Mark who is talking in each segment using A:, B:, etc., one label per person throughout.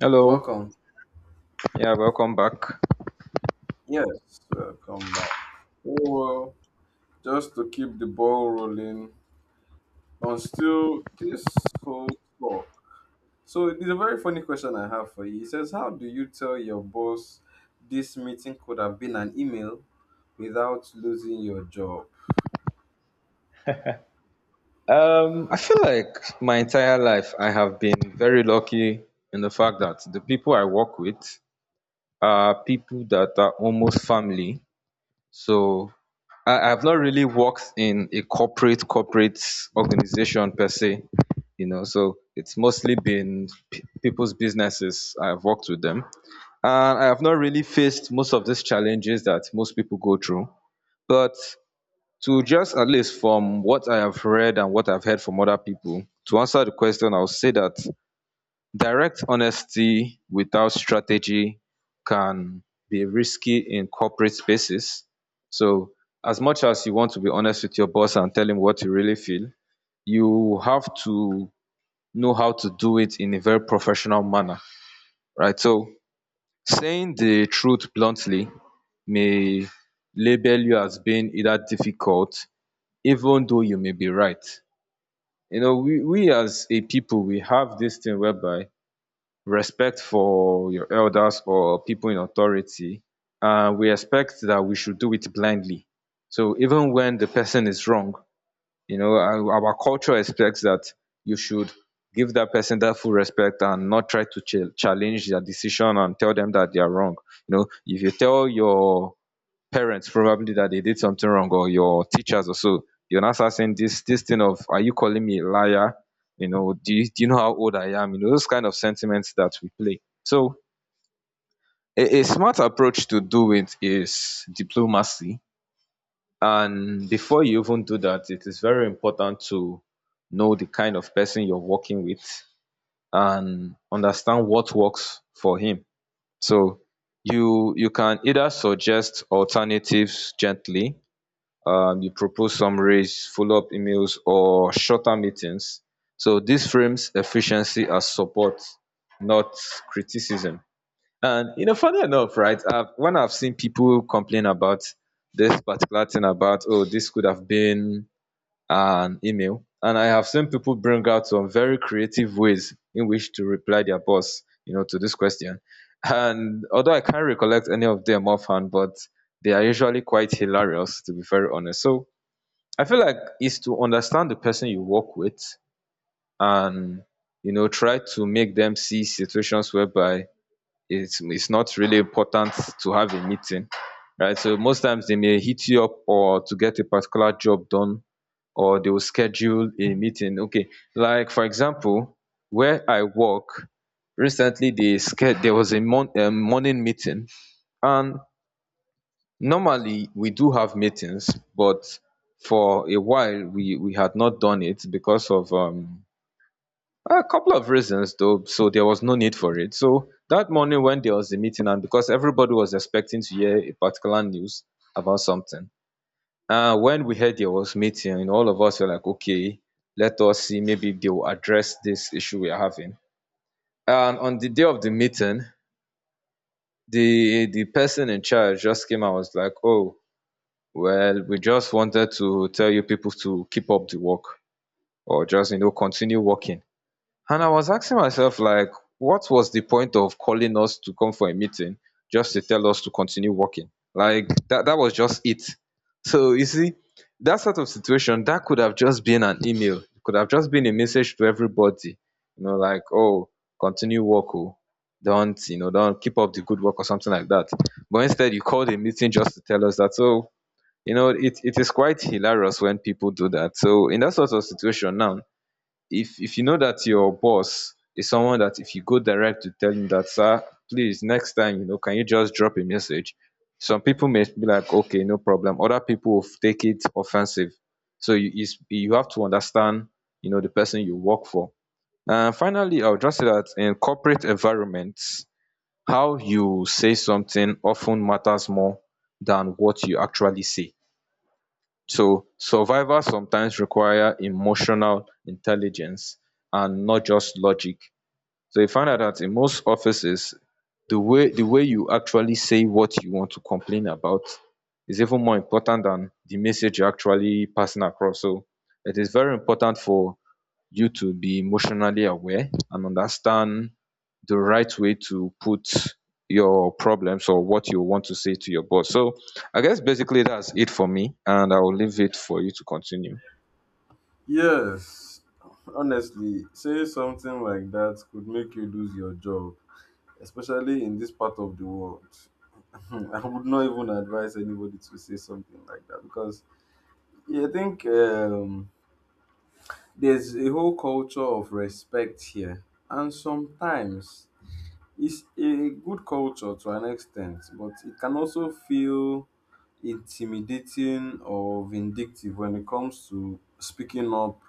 A: Hello.
B: Welcome.
A: Yeah, welcome back.
B: Yes, welcome back. Oh, well, just to keep the ball rolling on still this whole talk. So there's a very funny question I have for you. It says, "How do you tell your boss this meeting could have been an email without losing your job?"
A: I feel like my entire life I have been very lucky in the fact that the people I work with are people that are almost family. So I've not really worked in a corporate organization per se, you know. So it's mostly been people's businesses. I've worked with them, and I have not really faced most of these challenges that most people go through. But to just at least from what I have read and what I've heard from other people, to answer the question, I'll say that direct honesty without strategy can be risky in corporate spaces. So, as much as you want to be honest with your boss and tell him what you really feel, you have to know how to do it in a very professional manner, right? So, saying the truth bluntly may label you as being either difficult, even though you may be right. You know, we as a people, we have this thing whereby respect for your elders or people in authority, and we expect that we should do it blindly. So even when the person is wrong, you know, our culture expects that you should give that person that full respect and not try to challenge their decision and tell them that they are wrong. You know, if you tell your parents probably that they did something wrong or your teachers or so, you're not saying this thing of, are you calling me a liar? You know, do you know how old I am? You know, those kind of sentiments that we play. So a smart approach to do it is diplomacy. And before you even do that, it is very important to know the kind of person you're working with and understand what works for him. So you can either suggest alternatives gently. You propose summaries, follow-up emails, or shorter meetings. So this frames efficiency as support, not criticism. And you know, funny enough, right? When I've seen people complain about this particular thing about, oh, this could have been an email, and I have seen people bring out some very creative ways in which to reply their boss, you know, to this question. And although I can't recollect any of them offhand, but they are usually quite hilarious, to be very honest. So I feel like it's to understand the person you work with, and you know, try to make them see situations whereby it's not really important to have a meeting, right? So most times they may hit you up or to get a particular job done, or they will schedule a meeting. Okay, like for example, where I work, recently they sched there was a a morning meeting. And normally we do have meetings, but for a while we had not done it because of a couple of reasons though. So there was no need for it. So that morning, when there was a meeting, and because everybody was expecting to hear a particular news about something, when we heard there was meeting, and all of us were like, okay, let us see, maybe they will address this issue we are having. And on the day of the meeting, the person in charge just came and was like, oh, well, we just wanted to tell you people to keep up the work, or just, you know, continue working. And I was asking myself, like, what was the point of calling us to come for a meeting just to tell us to continue working? Like, that was just it. So, you see, that sort of situation, that could have just been an email, it could have just been a message to everybody, you know, like, oh, continue work, oh. Don't, you know, don't keep up the good work or something like that. But instead, you called a meeting just to tell us that, oh, you know, it is quite hilarious when people do that. So in that sort of situation now, if you know that your boss is someone that if you go direct to tell him that, sir, please, next time, you know, can you just drop a message? Some people may be like, okay, no problem. Other people will take it offensive. So you have to understand, you know, the person you work for. And finally, I would just say that in corporate environments, how you say something often matters more than what you actually say. So survival sometimes require emotional intelligence and not just logic. So you find out that in most offices, the way you actually say what you want to complain about is even more important than the message you're actually passing across. So it is very important for you to be emotionally aware and understand the right way to put your problems or what you want to say to your boss. So I guess basically that's it for me, and I will leave it for you to continue.
B: Yes. Honestly, saying something like that could make you lose your job, especially in this part of the world. I would not even advise anybody to say something like that because yeah, I think there's a whole culture of respect here, and sometimes it's a good culture to an extent, but it can also feel intimidating or vindictive when it comes to speaking up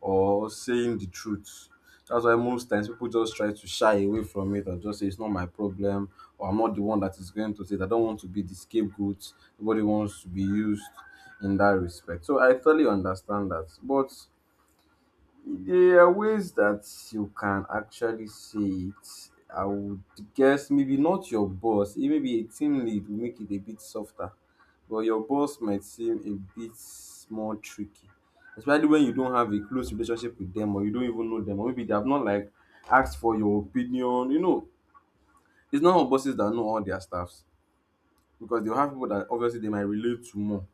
B: or saying the truth. That's why most times people just try to shy away from it or just say it's not my problem or I'm not the one that is going to say it. I don't want to be the scapegoat. Nobody wants to be used in that respect. So I totally understand that, but there are ways that you can actually say it. I would guess maybe not your boss, eh, maybe a team lead will make it a bit softer, but your boss might seem a bit more tricky, especially when you don't have a close relationship with them or you don't even know them, or maybe they have not like asked for your opinion. You know, it's not all bosses that know all their staffs. Because they'll have people that obviously they might relate to more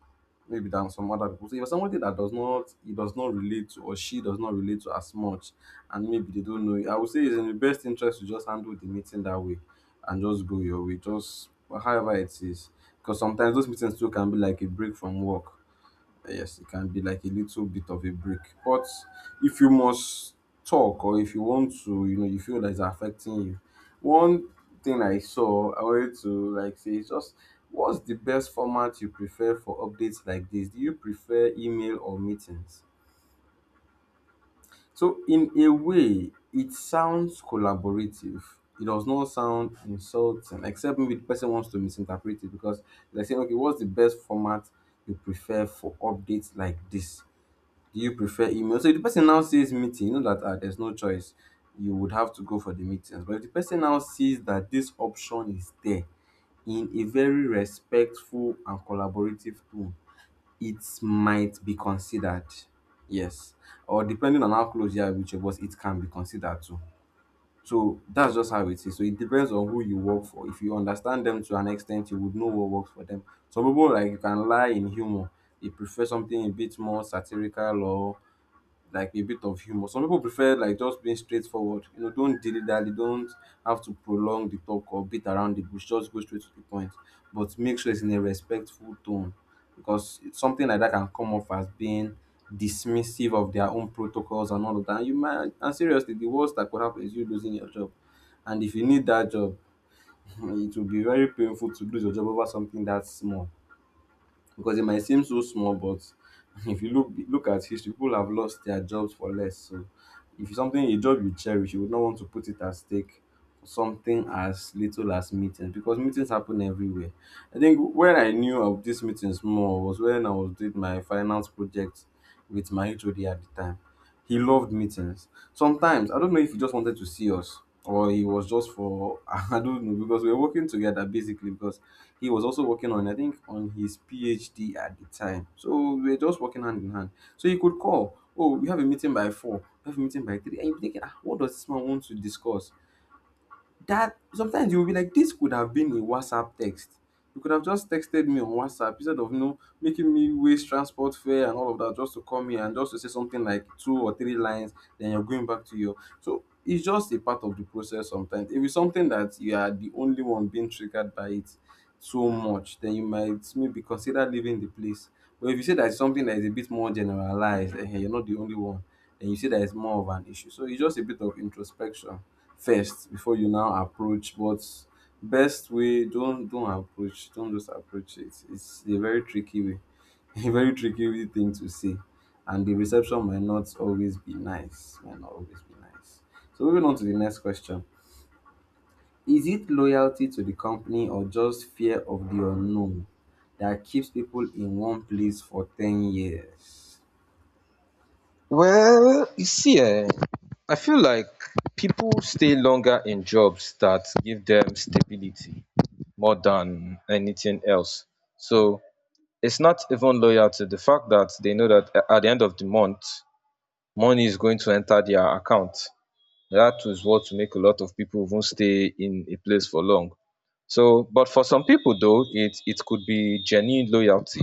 B: maybe than some other people. So if somebody that does not, he does not relate to, or she does not relate to as much, and maybe they don't know it, I would say it's in the best interest to just handle the meeting that way and just go your way, just however it is. Because sometimes those meetings too can be like a break from work. Yes, it can be like a little bit of a break, but if you must talk, or if you want to, you know, you feel that it's affecting you, one thing I saw, I wanted to like say, is just, "What's the best format you prefer for updates like this? Do you prefer email or meetings?" So in a way it sounds collaborative. It does not sound insulting, except maybe the person wants to misinterpret it, because they're saying, "Okay, what's the best format you prefer for updates like this? Do you prefer email?" So if the person now says meeting, you know that, ah, there's no choice. You would have to go for the meetings. But if the person now sees that this option is there in a very respectful and collaborative tone, it might be considered. Yes. Or depending on how close you are with your boss, it can be considered too. So that's just how it is. So it depends on who you work for. If you understand them to an extent, you would know what works for them. Some people like, you can lie in humor. They prefer something a bit more satirical or like a bit of humor. Some people prefer like just being straightforward. You know, don't dilly dally, don't have to prolong the talk or beat around the bush. Just go straight to the point. But make sure it's in a respectful tone, because it's something like that can come off as being dismissive of their own protocols and all of that. And you might, and seriously, the worst that could happen is you losing your job. And if you need that job, it will be very painful to lose your job over something that small, because it might seem so small, but if you look at history, people have lost their jobs for less. So if it's something, a job you cherish, you would not want to put it at stake for something as little as meetings, because meetings happen everywhere. I think when I knew of these meetings more was when I was doing my finance project with my HOD at the time. He loved meetings. Sometimes I don't know if he just wanted to see us, or he was just for, I don't know, because we were working together basically, because he was also working on, I think, on his PhD at the time. So we were just working hand in hand. So he could call, "Oh, we have a meeting by four, we have a meeting by three." And you're thinking, ah, what does this man want to discuss? That sometimes you'll be like, this could have been a WhatsApp text. You could have just texted me on WhatsApp instead of, you know, making me waste transport fare and all of that, just to come here and just to say something like two or three lines, then you're going back to your, so it's just a part of the process sometimes. If it's something that you are the only one being triggered by it so much, then you might maybe consider leaving the place. But if you say that it's something that is a bit more generalized, eh, you're not the only one, then you see that it's more of an issue. So it's just a bit of introspection first before you now approach. But best way, don't approach, don't just approach it. It's a very tricky way, a very tricky way thing to say, and the reception might not always be nice, might not always be nice. So moving on to the next question, is it loyalty to the company or just fear of the unknown that keeps people in one place for 10 years?
A: Well, you see, eh, I feel like people stay longer in jobs that give them stability more than anything else. So it's not even loyalty. The fact that they know that at the end of the month, money is going to enter their account. That is what will make a lot of people even stay in a place for long. So, but for some people though, it could be genuine loyalty.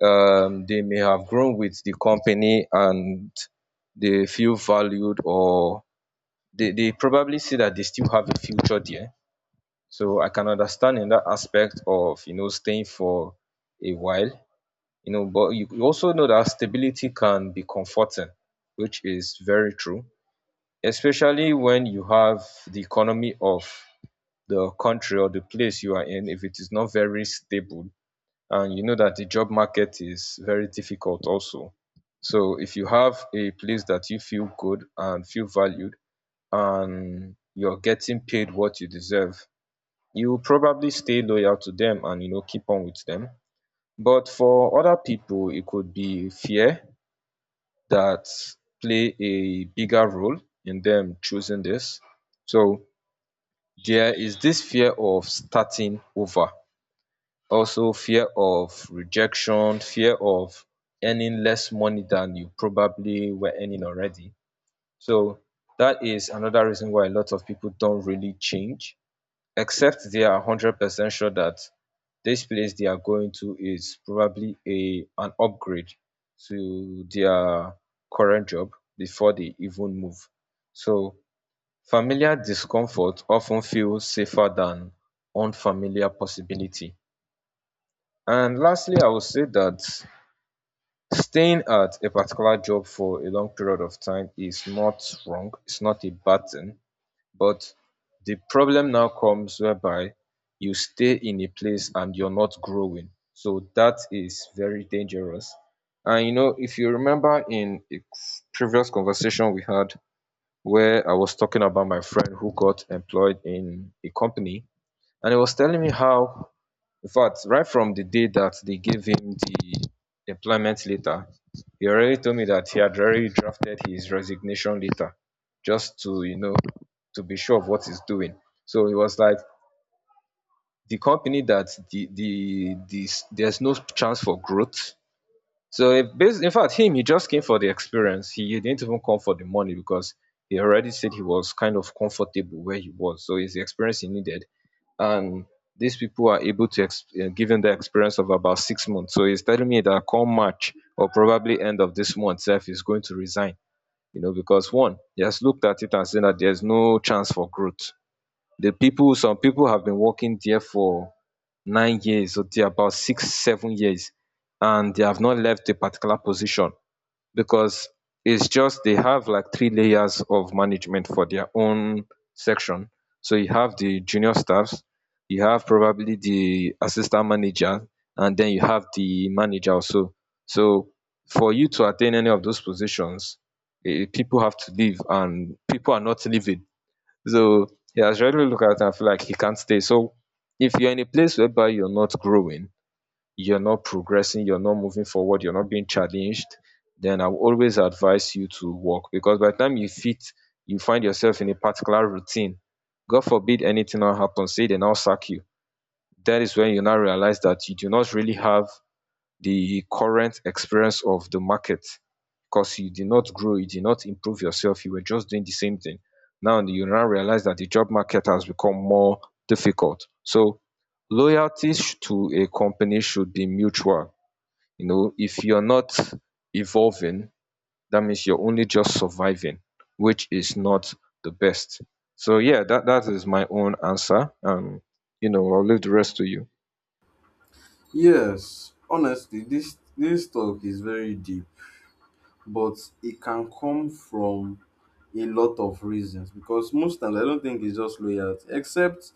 A: They may have grown with the company and they feel valued, or they probably see that they still have a future there. So I can understand in that aspect of, you know, staying for a while, you know. But you also know that stability can be comforting, which is very true. Especially when you have the economy of the country or the place you are in, if it is not very stable, and you know that the job market is very difficult also. So if you have a place that you feel good and feel valued, and you're getting paid what you deserve, you will probably stay loyal to them and you know keep on with them. But for other people, it could be fear that play a bigger role in them choosing this. So there is this fear of starting over, also fear of rejection, fear of earning less money than you probably were earning already. So that is another reason why a lot of people don't really change, except they are 100% sure that this place they are going to is probably a an upgrade to their current job before they even move. So familiar discomfort of ten feels safer than unfamiliar possibility. And lastly, I would say that staying at a particular job for a long period of time is not wrong, it's not a bad thing. But the problem now comes whereby you stay in a place and you're not growing. So that is very dangerous. And you know, if you remember, in a previous conversation we had, where I was talking about my friend who got employed in a company, and he was telling me how, in fact, right from the day that they gave him the employment letter, he already told me that he had already drafted his resignation letter just to, you know, to be sure of what he's doing. So it was like, the company that there's no chance for growth. So if bas in fact, him, he just came for the experience. He didn't even come for the money because he already said he was kind of comfortable where he was. So it's the experience he needed, and these people are able to give him the experience of about 6 months. So he's telling me that come March or probably end of this month, self is going to resign. You know, because one, he has looked at it and seen that there's no chance for growth. The people, some people have been working there for 9 years or till about 6, 7 years, and they have not left a particular position because it's just they have like 3 layers of management for their own section. So you have the junior staffs, you have probably the assistant manager, and then you have the manager also. So for you to attain any of those positions, eh, people have to leave, and people are not leaving. So he has really looked at it and feel like he can't stay. So if you're in a place whereby you're not growing, you're not progressing, you're not moving forward, you're not being challenged, then I will always advise you to walk. Because by the time you fit, you find yourself in a particular routine. God forbid anything now happens, say they now sack you. That is when you now realize that you do not really have the current experience of the market because you did not grow, you did not improve yourself, you were just doing the same thing. Now you now realize that the job market has become more difficult. So loyalty to a company should be mutual. You know, if you're not evolving, that means you're only just surviving, which is not the best. So yeah, that is my own answer. I'll leave the rest to you.
B: Yes, honestly, this talk is very deep, but it can come from a lot of reasons, because most times I don't think it's just loyalty, except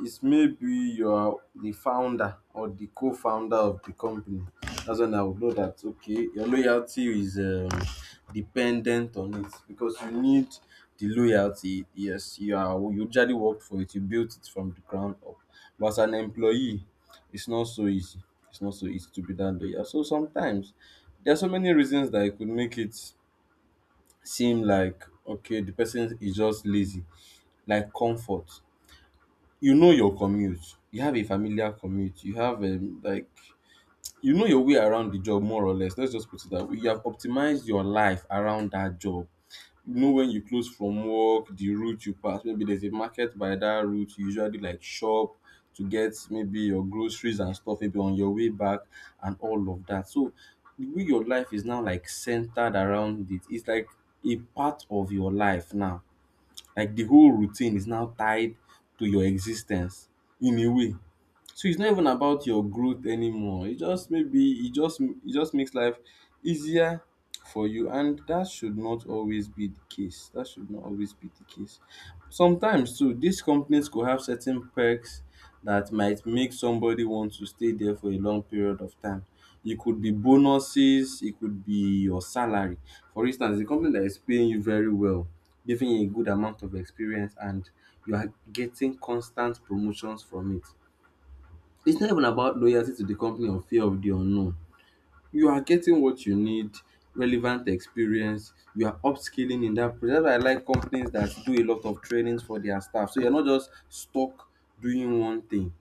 B: it's maybe you are the founder or the co-founder of the company. That's when I would know that, okay, your loyalty is dependent on it, because you need the loyalty. Yes, you are, you usually worked for it, you built it from the ground up. But as an employee, it's not so easy. It's not so easy to be that loyal. So sometimes there are so many reasons that it could make it seem like, okay, the person is just lazy, like comfort. You know your commute. You have a familiar commute. You have, like, you know your way around the job more or less. Let's just put it that way. You have optimized your life around that job. You know when you close from work, the route you pass, maybe there's a market by that route, you usually like shop to get maybe your groceries and stuff, maybe on your way back and all of that. So the way your life is now like centered around it, it's like a part of your life now. Like the whole routine is now tied to your existence in a way. So it's not even about your growth anymore. It just, maybe it just, it just makes life easier for you, and that should not always be the case. That should not always be the case. Sometimes too, these companies could have certain perks that might make somebody want to stay there for a long period of time. It could be bonuses, it could be your salary. For instance, a company that is paying you very well, giving you a good amount of experience, and you are getting constant promotions from it, it's not even about loyalty to the company or fear of the unknown. You are getting what you need, relevant experience, you are upskilling in that. That's why I like companies that do a lot of trainings for their staff. So you're not just stuck doing one thing.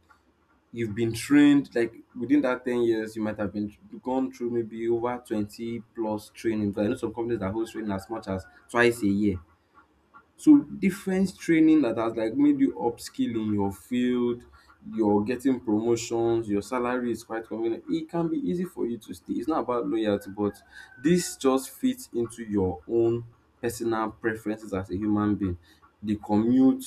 B: You've been trained, like within that 10 years, you might have been gone through maybe over 20 plus training. But I know some companies that hold training as much as twice a year. So different training that has like made you upskill in your field, you're getting promotions, your salary is quite convenient. It can be easy for you to stay. It's not about loyalty, but this just fits into your own personal preferences as a human being. The commute,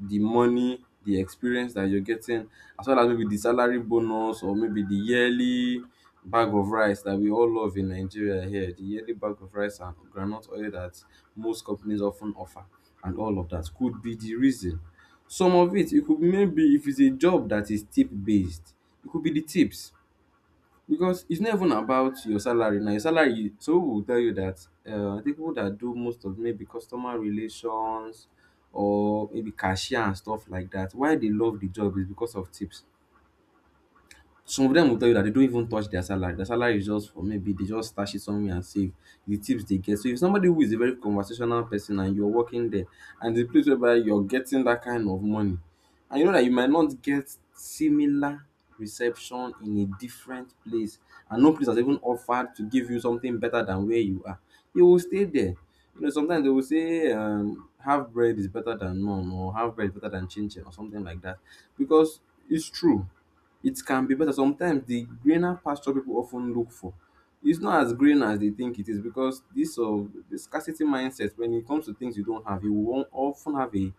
B: the money, the experience that you're getting, as well as maybe the salary bonus or maybe the yearly bag of rice that we all love in Nigeria here, the yearly bag of rice and groundnut oil that most companies often offer and all of that could be the reason. Some of it, it could maybe, if it's a job that is tip based, it could be the tips, because it's not even about your salary. Now, your salary, so some people will tell you that I think people that do most of maybe customer relations or maybe cashier and stuff like that, why they love the job is because of tips. Some of dem go tell you that they don't even touch their salary. Their salary is just for maybe they just stash it somewhere and save the tips they get. So if somebody who is a very conversational person and you're working there, and the place whereby you're getting that kind of money, and you know that you might not get similar reception in a different place, and no place has even offered to give you something better than where you are, you will stay there. You know, sometimes they will say half bread is better than none, or half bread is better than chin chin or something like that, because it's true, it can be better. Sometimes the greener pasture people often look for is not as green as they think it is, because this of the scarcity mindset. When it comes to things you don't have, you won't often have a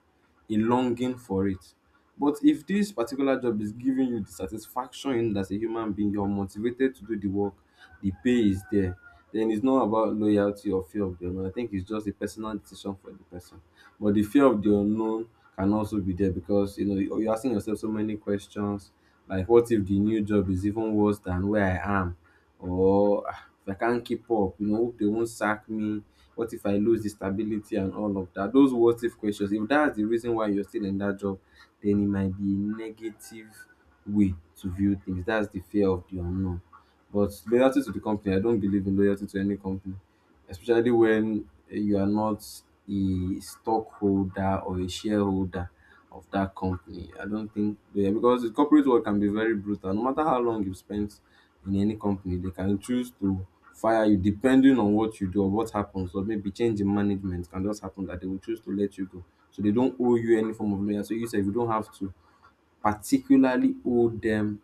B: a longing for it. But if this particular job is giving you the satisfaction in it as a human being, you're motivated to do the work, the pay is there, then it's not about loyalty or fear of the unknown. I think it's just a personal decision for the person. But the fear of the unknown can also be there, because you know you're asking yourself so many questions. Like, what if the new job is even worse than where I am? Or, ah, if I can't keep up, you know, hope they won't sack me. What if I lose the stability and all of that? Those what if questions, if that's the reason why you're still in that job, then it might be a negative way to view things. That's the fear of the unknown. But loyalty to the company, I don't believe in loyalty to any company, especially when you are not a stockholder or a shareholder of that company. I don't think, yeah, because the corporate world can be very brutal. No matter how long you've spent in any company, they can choose to fire you depending on what you do or what happens, or maybe change in management can just happen that they will choose to let you go. So they don't owe you any form of loyalty. So you say if you don't have to particularly owe them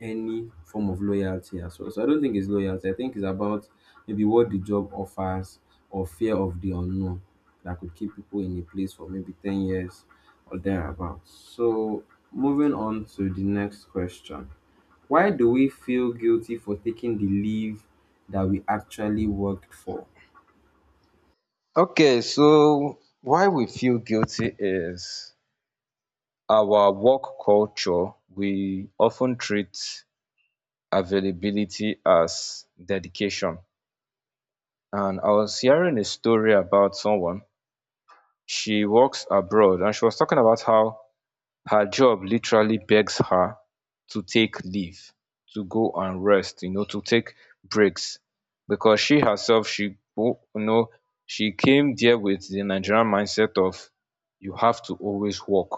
B: any form of loyalty as well. So I don't think it's loyalty. I think it's about maybe what the job offers or fear of the unknown that could keep people in a place for maybe 10 years or thereabouts. So, moving on to the next question. Why do we feel guilty for taking the leave that we actually worked for?
A: Okay, so why we feel guilty is our work culture. We often treat availability as dedication. And I was hearing a story about someone. She works abroad and she was talking about how her job literally begs her to take leave to go and rest, you know, to take breaks. Because she herself, she, you know, she came there with the Nigerian mindset of you have to always work,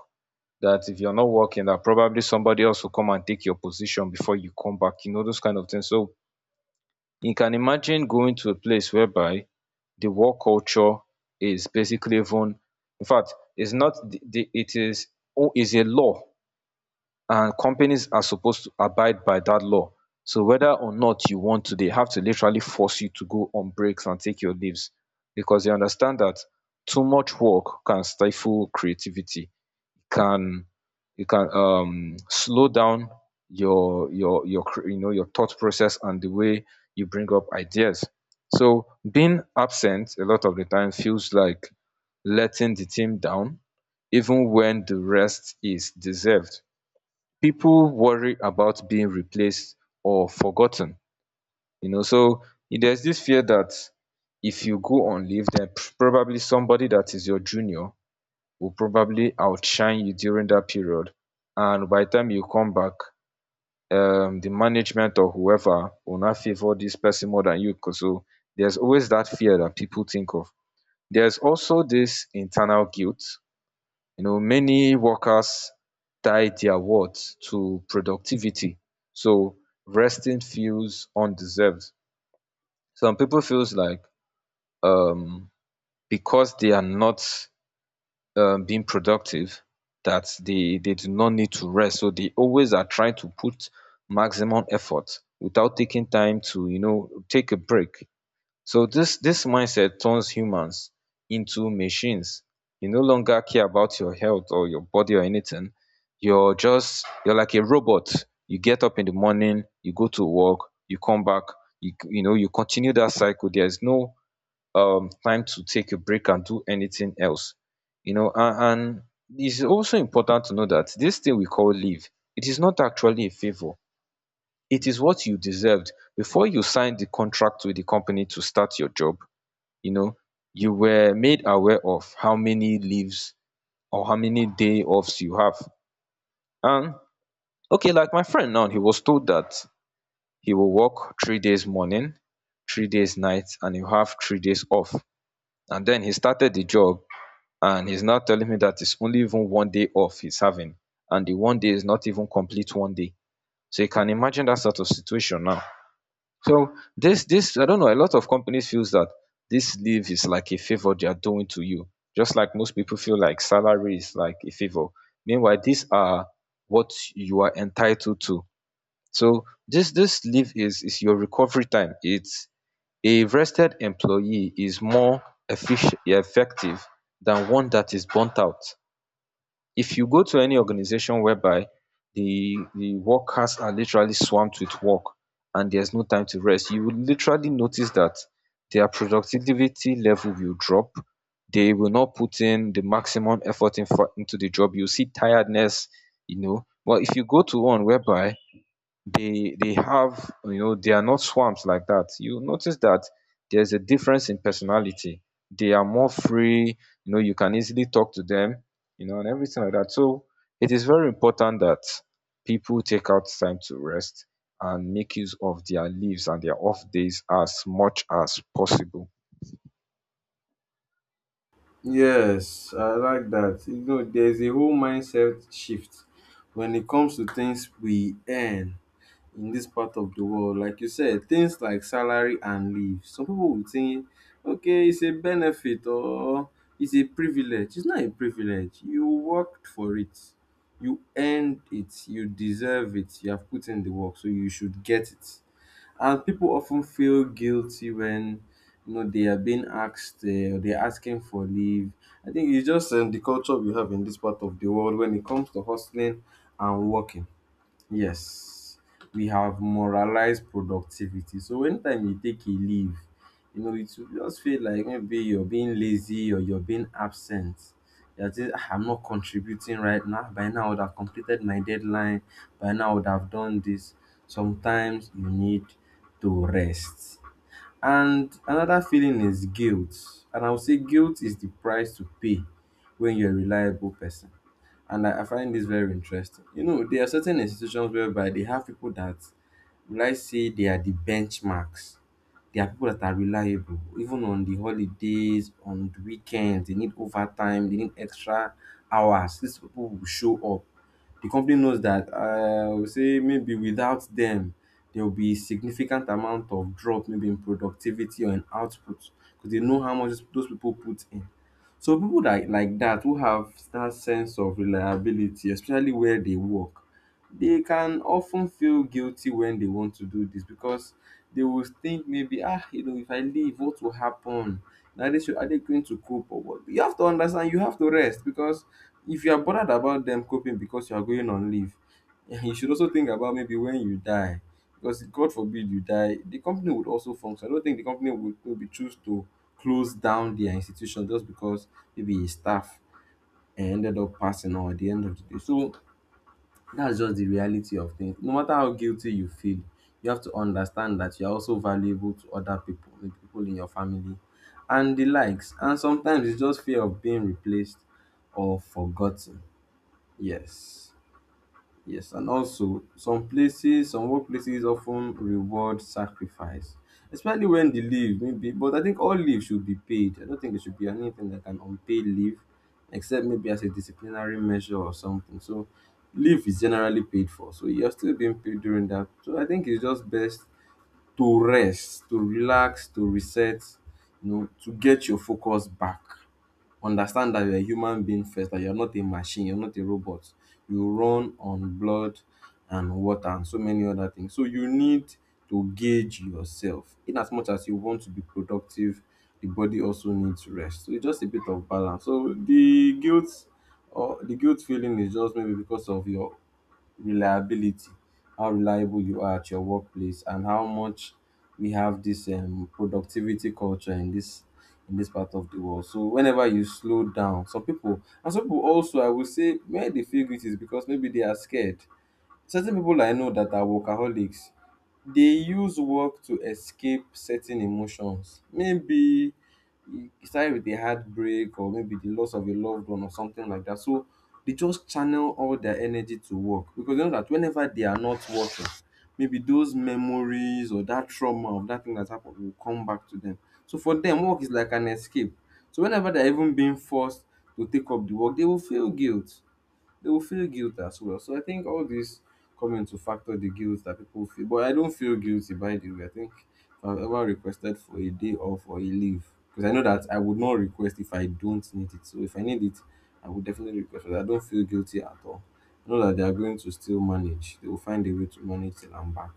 A: that if you're not working that probably somebody else will come and take your position before you come back, you know, those kind of things. So you can imagine going to a place whereby the work culture is basically, even in fact it's not the it is, oh, is a law and companies are supposed to abide by that law. So whether or not you want to, they have to literally force you to go on breaks and take your leaves, because they understand that too much work can stifle creativity, can, you can slow down your you know, your thought process and the way you bring up ideas. So being absent a lot of the time feels like letting the team down even when the rest is deserved. People worry about being replaced or forgotten, you know. So there's this fear that if you go on leave then probably somebody that is your junior will probably outshine you during that period, and by the time you come back, the management or whoever will not favor this person more than you 'cause. So there's always that fear that people think of. There's also this internal guilt. You know, many workers tie their worth to productivity. So resting feels undeserved. Some people feels like um because they are not being productive, that they do not need to rest. So they always are trying to put maximum effort without taking time to, you know, take a break. So this mindset turns humans into machines. You no longer care about your health or your body or anything. You're just, you're like a robot. You get up in the morning, you go to work, you come back, you know, you continue that cycle. There's no time to take a break and do anything else, you know. And it's also important to know that this thing we call leave, it is not actually a favour. It is what you deserved before you signed the contract with the company to start your job. You know, you were made aware of how many leaves or how many day offs you have. And okay, like my friend now, he was told that he will work 3 days morning, 3 days night, and he'll have 3 days off. And then he started the job, and he's now telling me that it's only even one day off he's having, and the one day is not even complete one day. So you can imagine that sort of situation now. So this I don't know, a lot of companies feels that this leave is like a favor they are doing to you, just like most people feel like salary is like a favor. Meanwhile, these are what you are entitled to. So this leave is your recovery time. It's, a rested employee is more efficient, effective than one that is burnt out. If you go to any organization whereby the workers are literally swamped with work and there's no time to rest, you will literally notice that their productivity level will drop. They will not put in the maximum effort in for, into the job. You see tiredness, you know. But if you go to one whereby they have, you know, they are not swamps like that, you notice that there's a difference in personality. They are more free, you know, you can easily talk to them, you know, and everything like that. So it is very important that people take out time to rest and make use of their leaves and their off days as much as possible.
B: Yes, I like that. You know, there's a whole mindset shift when it comes to things we earn in this part of the world. Like you said, things like salary and leave. Some people would think, okay, it's a benefit or it's a privilege. It's not a privilege. You worked for it, you earned it, you deserve it, you have put in the work, so you should get it. And people often feel guilty when you know they are being asked, they're asking for leave. I think it's just the culture we have in this part of the world when it comes to hustling and working. Yes, we have moralized productivity. So anytime you take a leave, you know, it will just feel like maybe you're being lazy or you're being absent. You're just, "Ah, I'm not contributing right now. By now, I would have completed my deadline. By now, I would have done this." Sometimes you need to rest. And another feeling is guilt. And I would say guilt is the price to pay when you're a reliable person. And I find this very interesting. You know, there are certain institutions whereby they have people that, will I say, they are the benchmarks. They are people that are reliable, even on the holidays, on the weekends, they need overtime, they need extra hours. These people will show up. The company knows that, I will say maybe without them, there will be significant amount of drop, maybe in productivity or in output, because they know how much those people put in. So people that like that who have that sense of reliability, especially where they work, they can often feel guilty when they want to do this, because they will think, maybe ah, you know, if I leave, what will happen now? they, should are they going to cope or what? You have to understand, you have to rest, because if you are bothered about them coping because you are going on leave, you should also think about maybe when you die. Because, god forbid you die, the company would also function. I don't think the company would maybe choose to close down their institution just because maybe a staff ended up passing on at the end of the day. So, that's just the reality of things. No matter how guilty you feel, you have to understand that you are also valuable to other people, the people in your family, and the likes. And sometimes it's just fear of being replaced or forgotten. Yes. Yes, and also some places, some workplaces often reward sacrifice, especially when the leave maybe. But I think all leave should be paid. I don't think there should be anything like an unpaid leave, except maybe as a disciplinary measure or something. So leave is generally paid for. So you're still being paid during that. So I think it's just best to rest, to relax, to reset, you know, to get your focus back. Understand that you're a human being first, that you're not a machine, you're not a robot. You run on blood and water and so many other things. So you need to gauge yourself. In as much as you want to be productive, the body also needs rest. So it's just a bit of balance. So the guilt or the guilt feeling is just maybe because of your reliability, how reliable you are at your workplace, and how much we have this productivity culture in this part of the world. So whenever you slow down, some people, and some people also I would say where they feel it is because maybe they are scared. Certain people I know that are workaholics, they use work to escape certain emotions. Maybe e started with a heartbreak or maybe the loss of a loved one or something like that. So they just channel all their energy to work, because they know that whenever they are not working, maybe those memories or that trauma of that thing that happened will come back to them. So for them, work is like an escape. So whenever they're even being forced to take up the work, they will feel guilt, they will feel guilt as well. So I think all these come into factor the guilt that people feel. But I don't feel guilty, by the way. I think if I've ever requested for a day off or a leave, because I know that I would not request if I don't need it. So if I need it, I would definitely request it. I don't feel guilty at all. I know that they are going to still manage. They will find a way to manage till I'm back,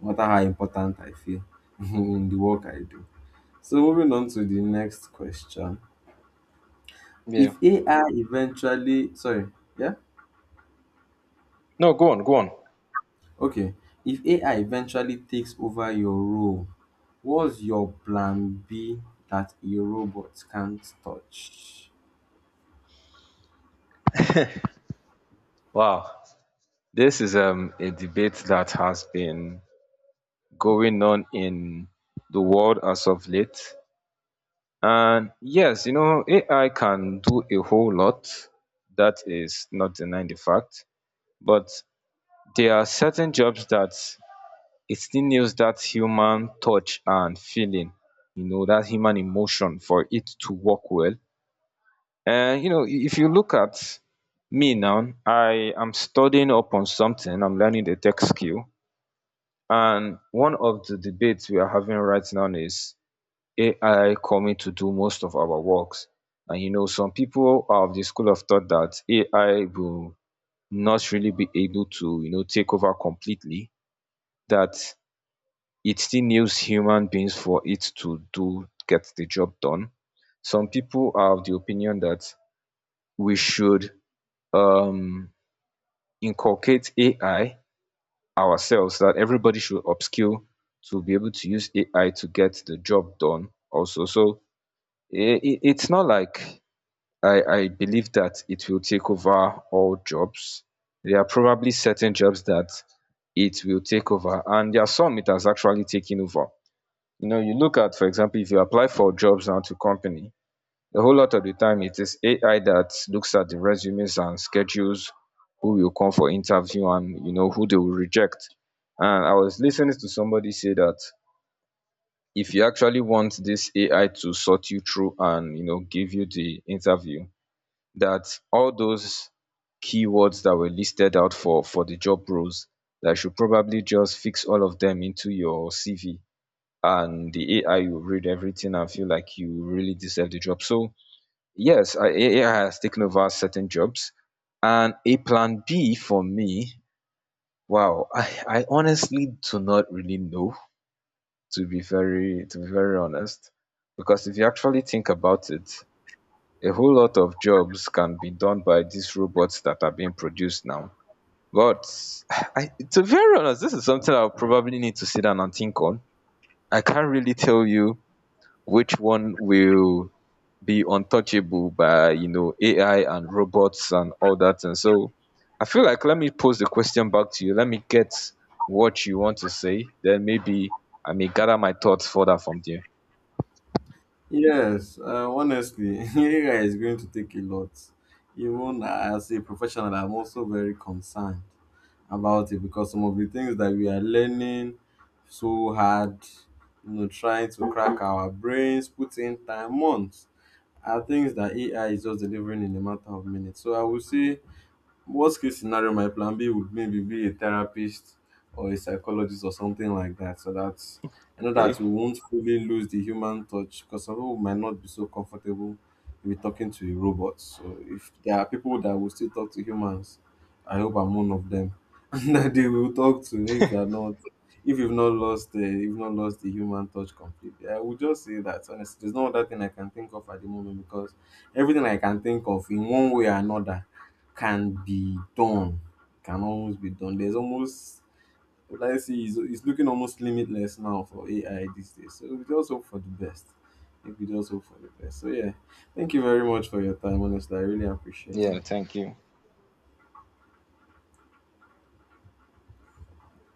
B: no matter how important I feel in the work I do. So, moving on to the next question.
A: Yeah.
B: If AI eventually, sorry, yeah.
A: No, go on, go on.
B: Okay, if AI eventually takes over your role, what's your plan B that a robot can't touch?
A: Wow, this is a debate that has been going on in the world as of late. And yes, you know, AI can do a whole lot. That is not denying the fact. But there are certain jobs that it still needs that human touch and feeling, you know, that human emotion for it to work well. And, you know, if you look at me now, I am studying up on something, I'm learning the tech skill. And one of the debates we are having right now is AI coming to do most of our works. And you know, some people are of the school of thought that AI will not really be able to, you know, take over completely, that it still needs human beings for it to do, get the job done. Some people are of the opinion that we should um inculcate AI ourselves, that everybody should upskill to be able to use AI to get the job done also. So eh, it's not like I believe that it will take over all jobs. There are probably certain jobs that it will take over, and there are some it has actually taken over. You know, you look at, for example, if you apply for jobs now to company, a whole lot of the time it is AI that looks at the resumes and schedules who will come for interview and you know who they will reject. And I was listening to somebody say that if you actually want this AI to sort you through and you know give you the interview, that all those keywords that were listed out for the job roles, that should probably just fix all of them into your CV and the AI will read everything and feel like you really deserve the job. So yes, AI has taken over certain jobs. And a plan B for me, wow, I honestly do not really know, to be very, to be very honest. Because if you actually think about it, a whole lot of jobs can be done by these robots that are being produced now. But I, to be very honest, this is something I'll probably need to sit down and think on. I can't really tell you which one will be untouchable by, you know, AI and robots and all that. And so I feel like, let me pose the question back to you. Let me get what you want to say. Then maybe I may gather my thoughts further from there.
B: Yes, honestly, AI is going to take a lot. Even as a professional, I'm also very concerned about it, because some of the things that we are learning so hard, you know, trying to crack our brains, put in time, months, are things that AI is just delivering in a matter of minutes. So I would say, worst case scenario, my plan B would maybe be a therapist or a psychologist or something like that. So that I know that
A: Okay.
B: we won't fully lose the human touch, because some people might not be so comfortable with talking to a robot. So if there are people that will still talk to humans, I hope I'm one of them that they will talk to, if they are not, if you've not lost the, you've not lost the human touch completely. I would just say that honestly, there's no other thing I can think of at the moment, because everything I can think of in one way or another can be done, can always be done. There's almost, would I say, it's looking almost limitless now for AI these days. So we just hope for the best. If we just hope for the best. So yeah, thank you very much for your time. Honestly, I really appreciate.
A: Yeah.